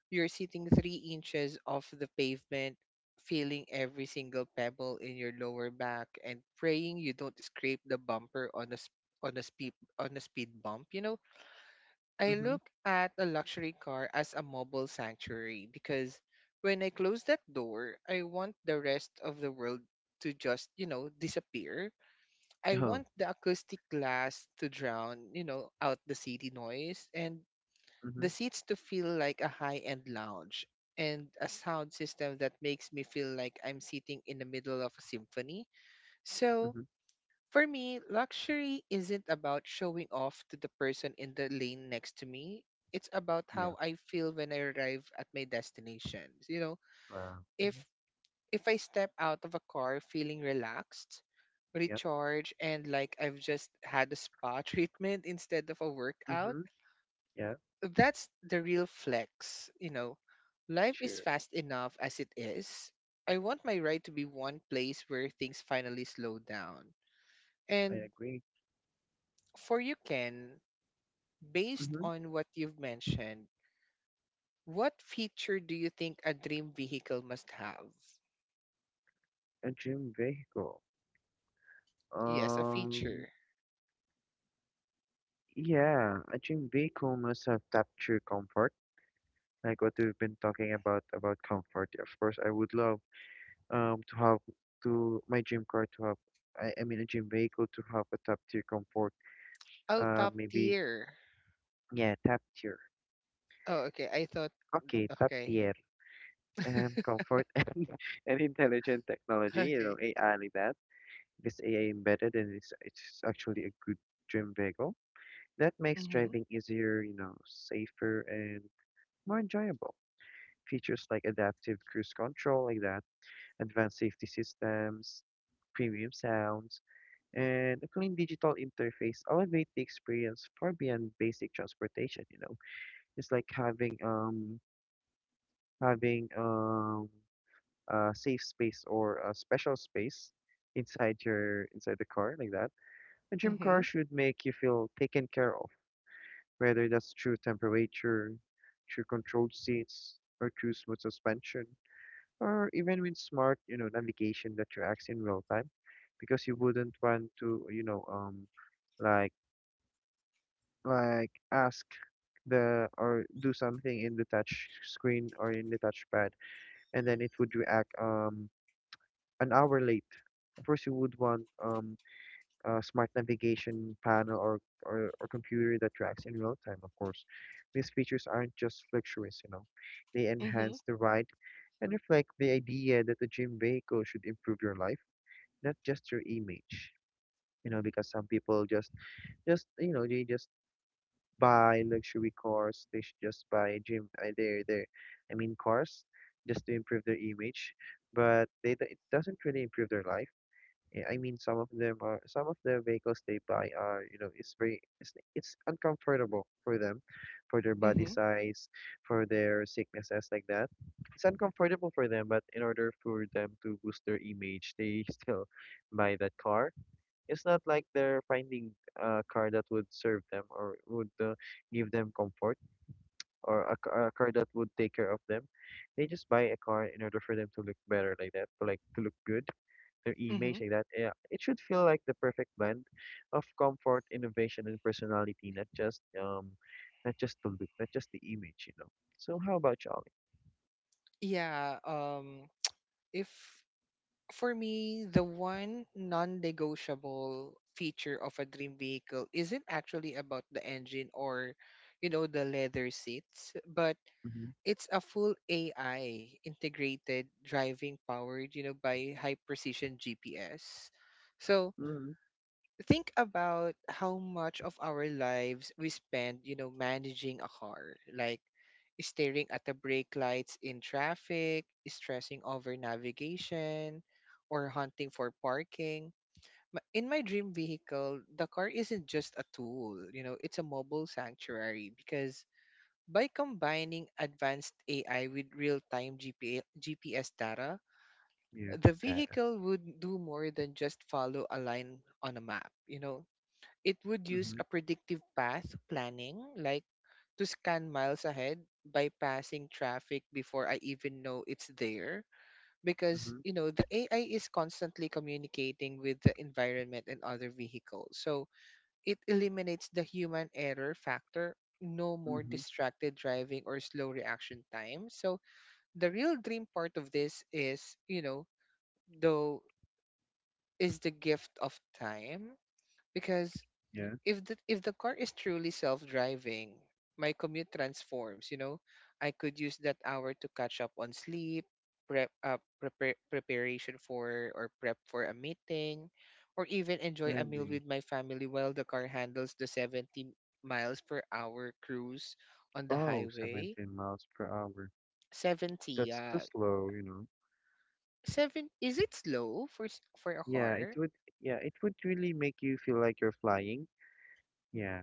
you're sitting 3 inches off the pavement, feeling every single pebble in your lower back, and praying you don't scrape the bumper on a speed bump. You know, I
Mm-hmm.
look at a luxury car as a mobile sanctuary because when I close that door, I want the rest of the world to just, you know, disappear. I
Oh.
want the acoustic glass to drown, you know, out the city noise and
Mm-hmm.
the seats to feel like a high-end lounge and a sound system that makes me feel like I'm sitting in the middle of a symphony. So,
Mm-hmm.
for me, luxury isn't about showing off to the person in the lane next to me. It's about
Yeah.
how I feel when I arrive at my destination. You know,
Wow.
if
Mm-hmm.
if I step out of a car feeling relaxed, recharged, and like I've just had a spa treatment instead of a workout,
Mhm. Yeah,
that's the real flex. You know, life is
sure.
fast enough as it is. I want my ride to be one place where things finally slow down.
I
And
agree.
for you, Ken, based
Hmm.
on what you've mentioned, what feature do you think a dream vehicle must have?
A dream vehicle.
Yes, a
Um,
feature.
yeah, a dream vehicle must have tapped true comfort, like what we've been talking about comfort. Of course, I would love to have to my dream car to have. I mean, a dream vehicle to have a top tier comfort.
Oh, top
Maybe
tier.
yeah, top tier.
Oh, okay. I thought.
Okay, top
Okay.
tier. Comfort and intelligent technology. You know,
Okay.
AI like that. This AI embedded, and it's actually a good dream vehicle that makes
Mhm.
driving easier, you know, safer and more enjoyable. Features like adaptive cruise control, like that, advanced safety systems, premium sounds, and a clean digital interface elevate the experience far beyond basic transportation. You know, it's like having a safe space or a special space inside your inside the car like that. A gym car
Mhm.
should make you feel taken care of, whether that's through temperature, through controlled seats, or through smooth suspension, or even with smart, you know, navigation that reacts in real time, because you wouldn't want to, you know, like like ask the or do something in the touch screen or in the touchpad, and then it would react an hour late. Of course, you would want smart navigation panel or computer that tracks in real time, of course. These features aren't just luxuries, you know. They
Mhm.
enhance the ride and reflect the idea that the gym vehicle should improve your life, not just your image. You know, because some people just you know, they just buy luxury cars. They should just buy gym, I mean, cars just to improve their image, but they, it doesn't really improve their life. Eh, I mean, some of them are some of the vehicles they buy are you know it's very it's uncomfortable for them, for their body
Mhm.
size, for their sicknesses like that. It's uncomfortable for them, but in order for them to boost their image, they still buy that car. It's not like they're finding a car that would serve them or would give them comfort, or a, a car that would take care of them. They just buy a car in order for them to look better like that, or like to look good their image
Mhm.
like that. Yeah, it should feel like the perfect blend of comfort, innovation, and personality, not just not just the look, not just the image, you know. So how about Charlie?
Yeah, um, if for me the one non-negotiable feature of a dream vehicle isn't actually about the engine or, you know, the leather seats, but
Mm-hmm.
it's a full AI integrated driving powered, you know, by high precision GPS. So,
Mm-hmm.
think about how much of our lives we spend, you know, managing a car, like staring at the brake lights in traffic, stressing over navigation, or hunting for parking. In my dream vehicle, the car isn't just a tool, you know, it's a mobile sanctuary because by combining advanced AI with real-time GPA GPS data,
Yeah,
the
that.
vehicle would do more than just follow a line on a map, you know. It would use
Mm-hmm.
a predictive path planning, like, to scan miles ahead, bypassing traffic before I even know it's there. Because,
Mm-hmm.
you know, the AI is constantly communicating with the environment and other vehicles. So it eliminates the human error factor, no more
Mm-hmm.
distracted driving or slow reaction time. So the real dream part of this is, you know, though, is the gift of time. Because
Yeah,
if the car is truly self-driving, my commute transforms, you know. I could use that hour to catch up on sleep, preparation for or prep for a meeting, or even
I
enjoy a meal
agree.
with my family while the car handles the 70 miles per hour cruise on the
Oh,
highway.
17 miles per hour.
70,
That's too slow, you know.
seven is it slow for for a
Yeah, it
car?
would. Yeah, it would really make you feel like you're flying. Yeah,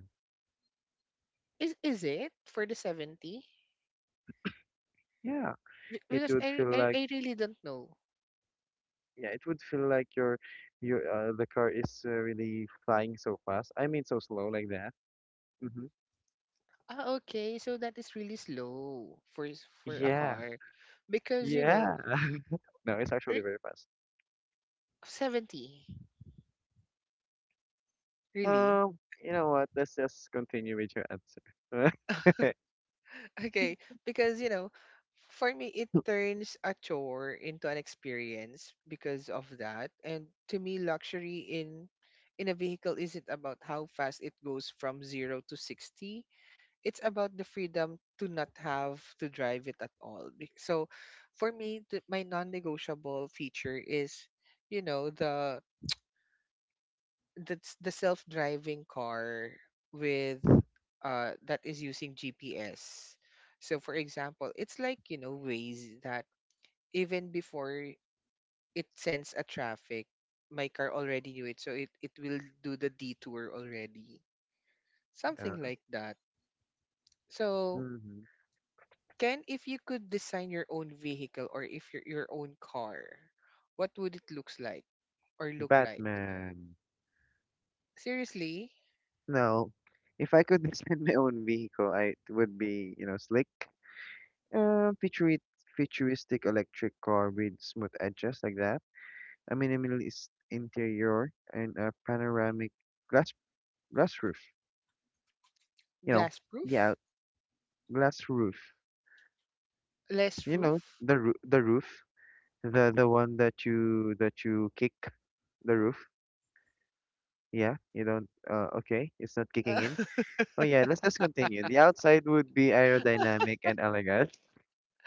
Is it for the 70?
Yeah. It
Because
would feel like
I really don't know.
Yeah, it would feel like your the car is really flying so fast. I mean, so slow like that. Hmm.
Ah, okay. So that is really slow for for a
Yeah,
car, because you know,
yeah. No, it's actually
re-
very fast.
70 really.
Um, you know what? Let's just continue with your answer.
Okay, because you know, for me it turns a chore into an experience because of that. And to me, luxury in a vehicle isn't about how fast it goes from 0 to 60. It's about the freedom to not have to drive it at all. So, for me, my non-negotiable feature is you know the that's the self-driving car with that is using GPS. So for example, it's like, you know, ways that even before it sends a traffic, my car already knew it, so it will do the detour already.
Yeah.
Something like that. So
Hmm.
Ken, if you could design your own vehicle or if your own car, what would it looks like or look like?
Batman.
Seriously?
No, if I could design my own vehicle, I it would be you know slick, futurit futuristic electric car with smooth edges like that. A minimalist interior and a panoramic glass glass roof. You know,
Glass
yeah,
proof?
glass roof.
Less
You know,
roof?
the roof, the one that you kick the roof. Yeah, you don't. Okay, it's not kicking in. Oh yeah, let's just continue. The outside would be aerodynamic and elegant,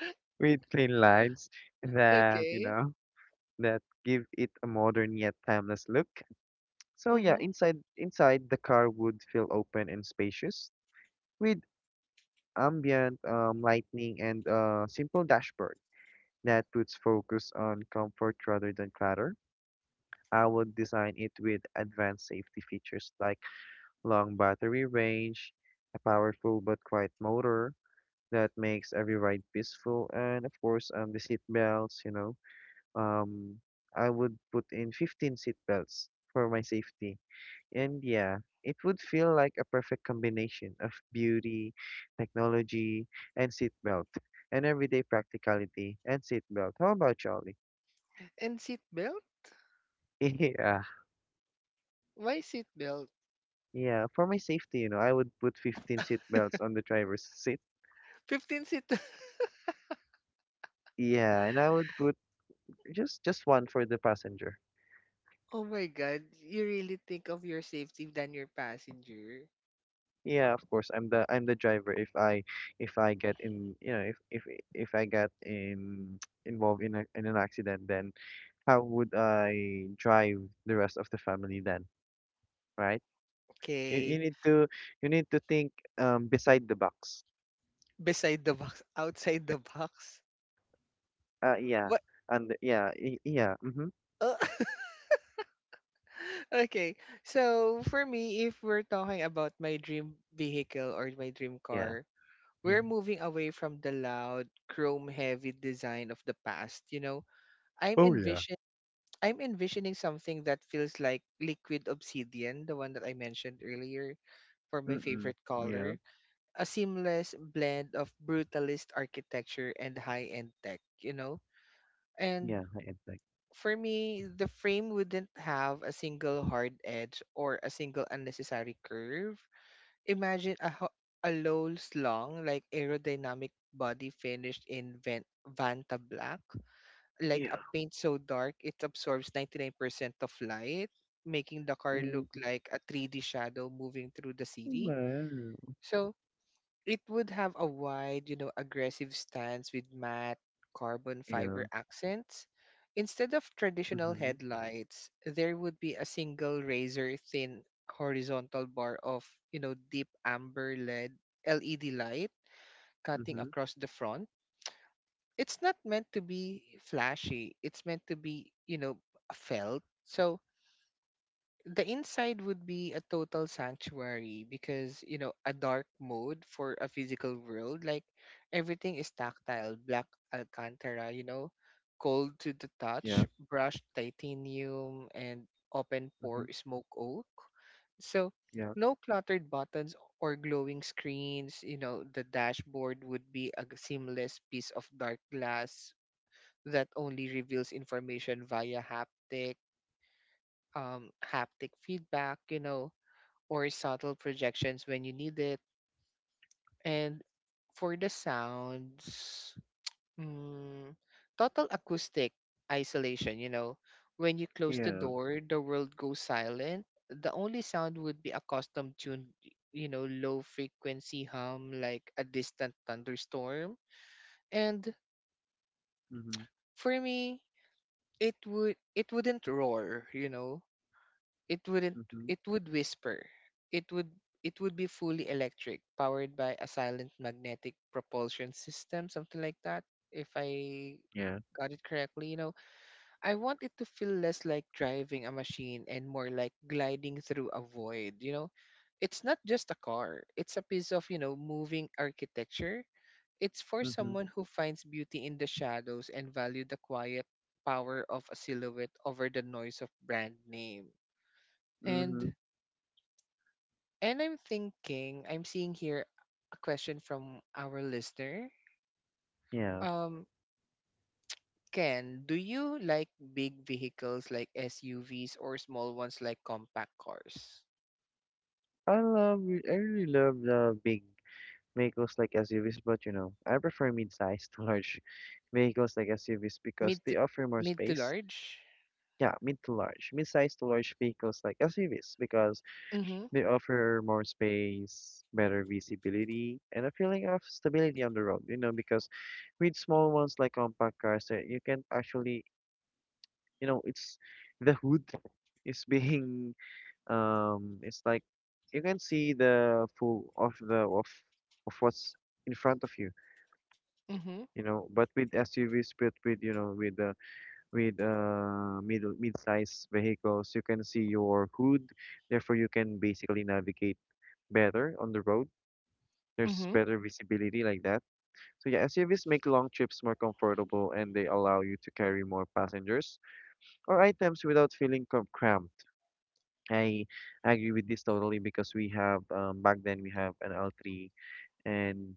with clean lines that you
Okay.
know that give it a modern yet timeless look. So yeah,
Mm-hmm.
inside the car would feel open and spacious, with ambient lighting and a simple dashboard that puts focus on comfort rather than clutter. I will design it with advanced safety features like long battery range, a powerful but quiet motor that makes every ride peaceful, and of course, the seat belts. You know, um, I would put in 15-seat belts for my safety, and yeah, it would feel like a perfect combination of beauty, technology, and seat belt, and everyday practicality and seat belt. How about Charlie?
And seatbelt?
Yeah,
Why seatbelt?
yeah. For my safety, you know, I would put 15-seat belts on the driver's seat.
15 seat.
Yeah, and I would put just one for the passenger.
Oh my God. You really think of your safety than your passenger?
Yeah, of course, I'm the driver if I get in, you know, if I get in involved in a, in an accident, then how would I drive the rest of the family then, right? You
Okay.
need to you need to think beside the box.
Beside the box, outside the box.
Yeah,
But,
and yeah, yeah, mhm,
uh, okay. So, for me, if we're talking about my dream vehicle or my dream
yeah.
car, we're
Mhm.
moving away from the loud, chrome heavy design of the past. You know, I'm
Oh yeah.
envisioning. I'm envisioning something that feels like liquid obsidian, the one that I mentioned earlier for my
Mm,
favorite
yeah.
color. A seamless blend of brutalist architecture and high-end tech, you know? And
Yeah, high impact.
for me, the frame wouldn't have a single hard edge or a single unnecessary curve. Imagine a low slung, like aerodynamic body finished in Vanta black, like a
Yeah.
paint so dark it absorbs 99% of light, making the car
Mm,
look like a 3D shadow moving through the city.
well,
So it would have a wide, you know, aggressive stance with matte carbon
yeah.
fiber accents. Instead of traditional
Mm-hmm.
headlights, there would be a single razor thin horizontal bar of, you know, deep amber lead LED light cutting
Mm-hmm.
across the front. It's not meant to be flashy. It's meant to be, you know, felt. So the inside would be a total sanctuary because, you know, a dark mode for a physical world. Like everything is tactile, black Alcantara, you know, cold to the touch,
Yeah.
brushed titanium, and open
Mm-hmm.
pore smoke oak. So
Yeah.
no cluttered buttons or glowing screens. You know, the dashboard would be a seamless piece of dark glass that only reveals information via haptic feedback, you know, or subtle projections when you need it. And for the sounds, mm, total acoustic isolation, you know, when you close the
Yeah.
door, the world goes silent. The only sound would be a custom tuned, you know, low frequency hum like a distant thunderstorm. And
Mm-hmm.
for me, it wouldn't roar, you know, it wouldn't,
Mm-hmm.
it would whisper, it would, it would be fully electric, powered by a silent magnetic propulsion system, something like that, if I
Yeah.
got it correctly, you know. I want it to feel less like driving a machine and more like gliding through a void, you know. It's not just a car, it's a piece of, you know, moving architecture. It's for
Mm-hmm.
someone who finds beauty in the shadows and value the quiet power of a silhouette over the noise of brand name.
Mm-hmm.
And I'm thinking, I'm seeing here a question from our listener.
Yeah.
Um, Ken, do you like big vehicles like SUVs or small ones like compact cars?
I really love the big vehicles like SUVs, but you know, I prefer mid-sized to large vehicles like SUVs because
Mid to,
they offer more
mid to
space.
large?
Yeah, mid to large. Mid-sized to large vehicles like SUVs because
Mm-hmm.
they offer more space, better visibility, and a feeling of stability on the road, you know, because with small ones like compact cars, you can actually, you know, it's the hood is being, it's like you can see the full of the of what's in front of you,
Mm-hmm.
you know. But with SUVs, but with you know, with middle mid-size vehicles, you can see your hood, therefore you can basically navigate better on the road. There's
Mm-hmm.
better visibility like that. So yeah, SUVs make long trips more comfortable and they allow you to carry more passengers or items without cramped. I agree with this totally because we have back then we have an L3, and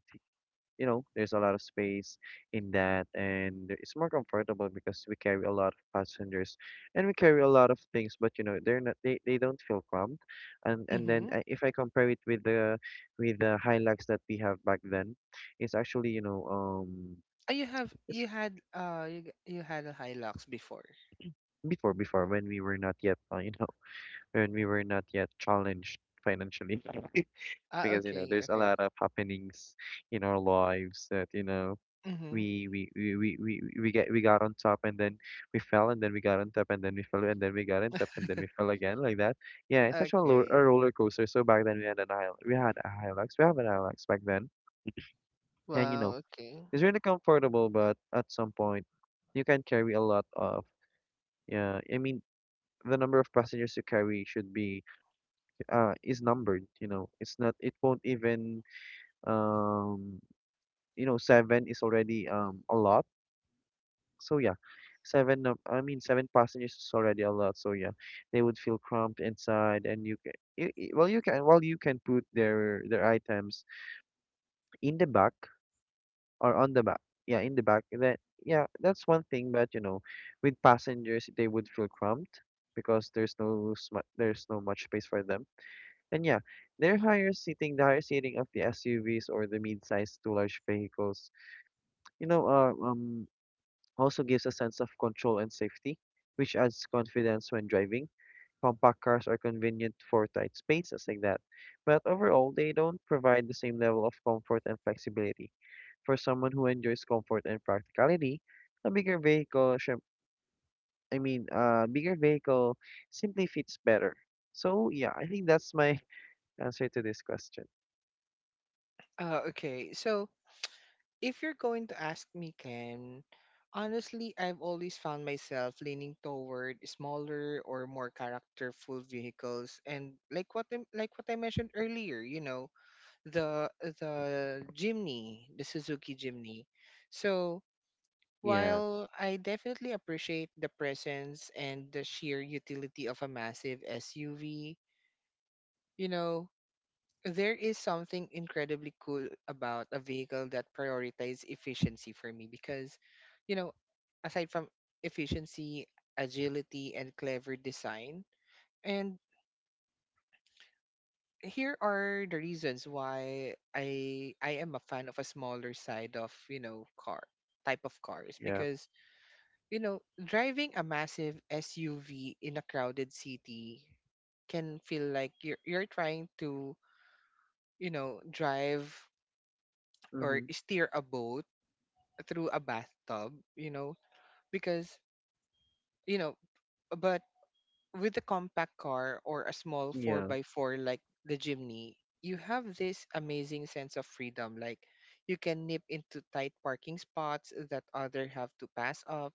you know, there's a lot of space in that, and it's more comfortable because we carry a lot of passengers, and we carry a lot of things. But you know, they're not they, they don't feel cramped, and then
Mm-hmm.
if I compare it with the Hilux that we have back then, it's actually you know
Oh, you have
it's
you had a Hilux before.
before when we were not yet you know, when we were not yet challenged financially.
Ah,
Because you know
okay,
there's a
okay.
lot of happenings in our lives that you know
Mm-hmm.
we we we we we, we got on top and then we fell and then we got on top and then we fell and then we got on top and then we fell again like that. Yeah, it's actually a, a
Okay.
roller coaster. So back then we had an Hilux. We had a Hilux. We have an Hilux back then, and you know
Wow, okay.
it's really comfortable. But at some point, you can carry a lot of, yeah. I mean the number of passengers you carry should be is numbered. You know it's not it won't even um you know, seven is already a lot. So yeah, I mean, seven passengers is already a lot. So yeah, they would feel cramped inside, and you can, you- well, you can put their items in the back or on the back. Yeah, in the back. That's one thing. But you know, with passengers, they would feel cramped because there's no much space for them. And yeah, their higher seating, the higher seating of the SUVs or the mid-sized to large vehicles, you know, also gives a sense of control and safety, which adds confidence when driving. Compact cars are convenient for tight spaces like that, but overall, they don't provide the same level of comfort and flexibility. For someone who enjoys comfort and practicality, a bigger vehicle, syem- I mean, a bigger vehicle simply fits better. So, yeah, I think that's my answer to this question.
Okay. So if you're going to ask me, Ken, honestly, I've always found myself leaning toward smaller or more characterful vehicles, and like what I mentioned earlier, you know, the the Jimny, the Suzuki Jimny. So
Yeah,
while I definitely appreciate the presence and the sheer utility of a massive SUV, you know, there is something incredibly cool about a vehicle that prioritizes efficiency for me because, you know, aside from efficiency, agility, and clever design, and here are the reasons why I am a fan of a smaller side of, you know, car type of cars
yeah,
because, you know, driving a massive SUV in a crowded city can feel like you're trying to, you know, drive or
mm-hmm,
steer a boat through a bathtub, you know, because, you know, but with a compact car or a small 4
yeah,
by 4 like the Jimny, you have this amazing sense of freedom. Like, you can nip into tight parking spots that other have to pass up,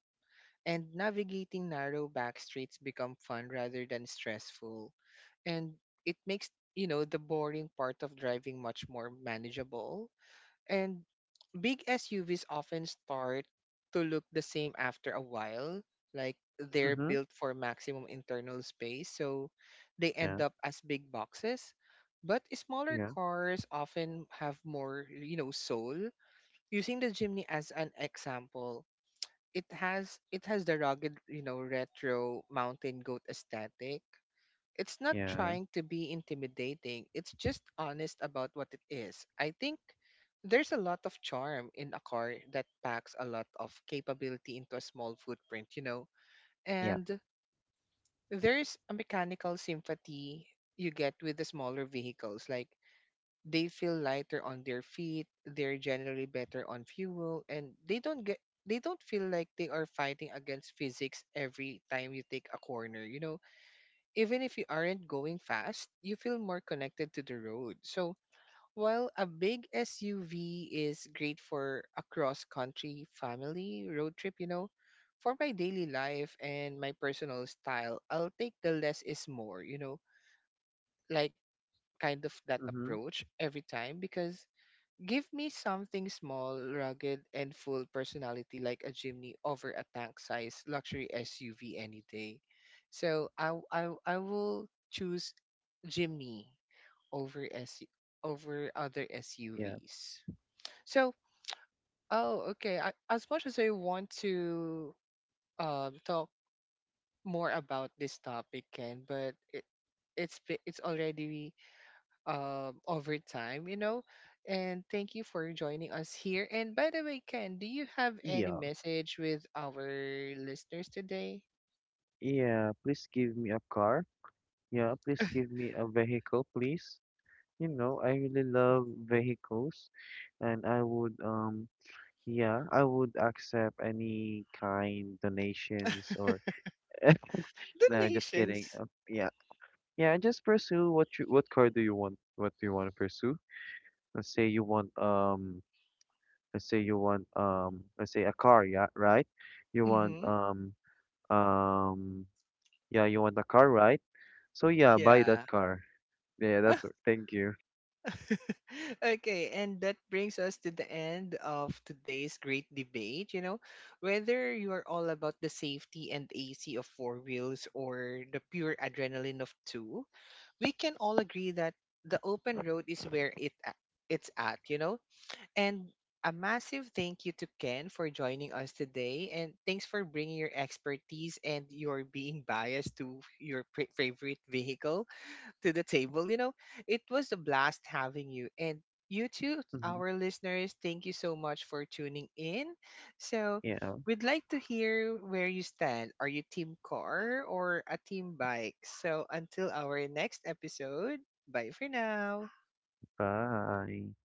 and navigating narrow back streets become fun rather than stressful. And it makes, you know, the boring part of driving much more manageable. And big SUVs often start to look the same after a while. Like they're
mm-hmm,
built for maximum internal space, so they
yeah,
end up as big boxes. But smaller
yeah,
cars often have more, you know, soul. Using the Jimny as an example, it has the rugged, you know, retro mountain goat aesthetic. It's not
yeah,
trying to be intimidating. It's just honest about what it is. I think there's a lot of charm in a car that packs a lot of capability into a small footprint, you know.
yeah,
And there's a mechanical sympathy you get with the smaller vehicles. Like they feel lighter on their feet, they're generally better on fuel, and they don't feel like they are fighting against physics every time you take a corner, you know, even if you aren't going fast, you feel more connected to the road. So, while a big SUV is great for a cross country family road trip, you know, for my daily life and my personal style, I'll take the less is more, you know, like kind of that
mm-hmm,
approach every time because give me something small, rugged, and full personality like a Jimny over a tank-sized luxury SUV any day. So I will choose Jimny over S over other
yeah.
SUVs. So oh okay, I, as much as I want to talk more about this topic, Ken, but it's it's already over time, you know. And thank you for joining us here. And by the way, Ken, do you have any
Yeah.
message with our listeners today?
Yeah, please give me a car. Yeah, please give me a vehicle, please. You know, I really love vehicles and I would accept any kind donations, or no, just kidding.
Donations.
Yeah. Yeah, just pursue what car do you want? What do you want to pursue? Let's say you want um let's say you want let's say a car, yeah, right? You
Nations.
want
Mm-hmm.
um yeah, you want a car, right? So yeah, buy that
Yeah.
car. Yeah, that's all. Thank you.
Okay, and that brings us to the end of today's great debate. You know, whether you are all about the safety and AC of four wheels or the pure adrenaline of two, we can all agree that the open road is where it a- it's at. You know, and a massive thank you to Ken for joining us today. And thanks for bringing your expertise and your being biased to your favorite vehicle to the table. You know, it was a blast having you. And you too,
Mhm.
our listeners, thank you so much for tuning in. So,
Yeah,
we'd like to hear where you stand. Are you team car or a team bike? So, until our next episode, bye for now.
bye.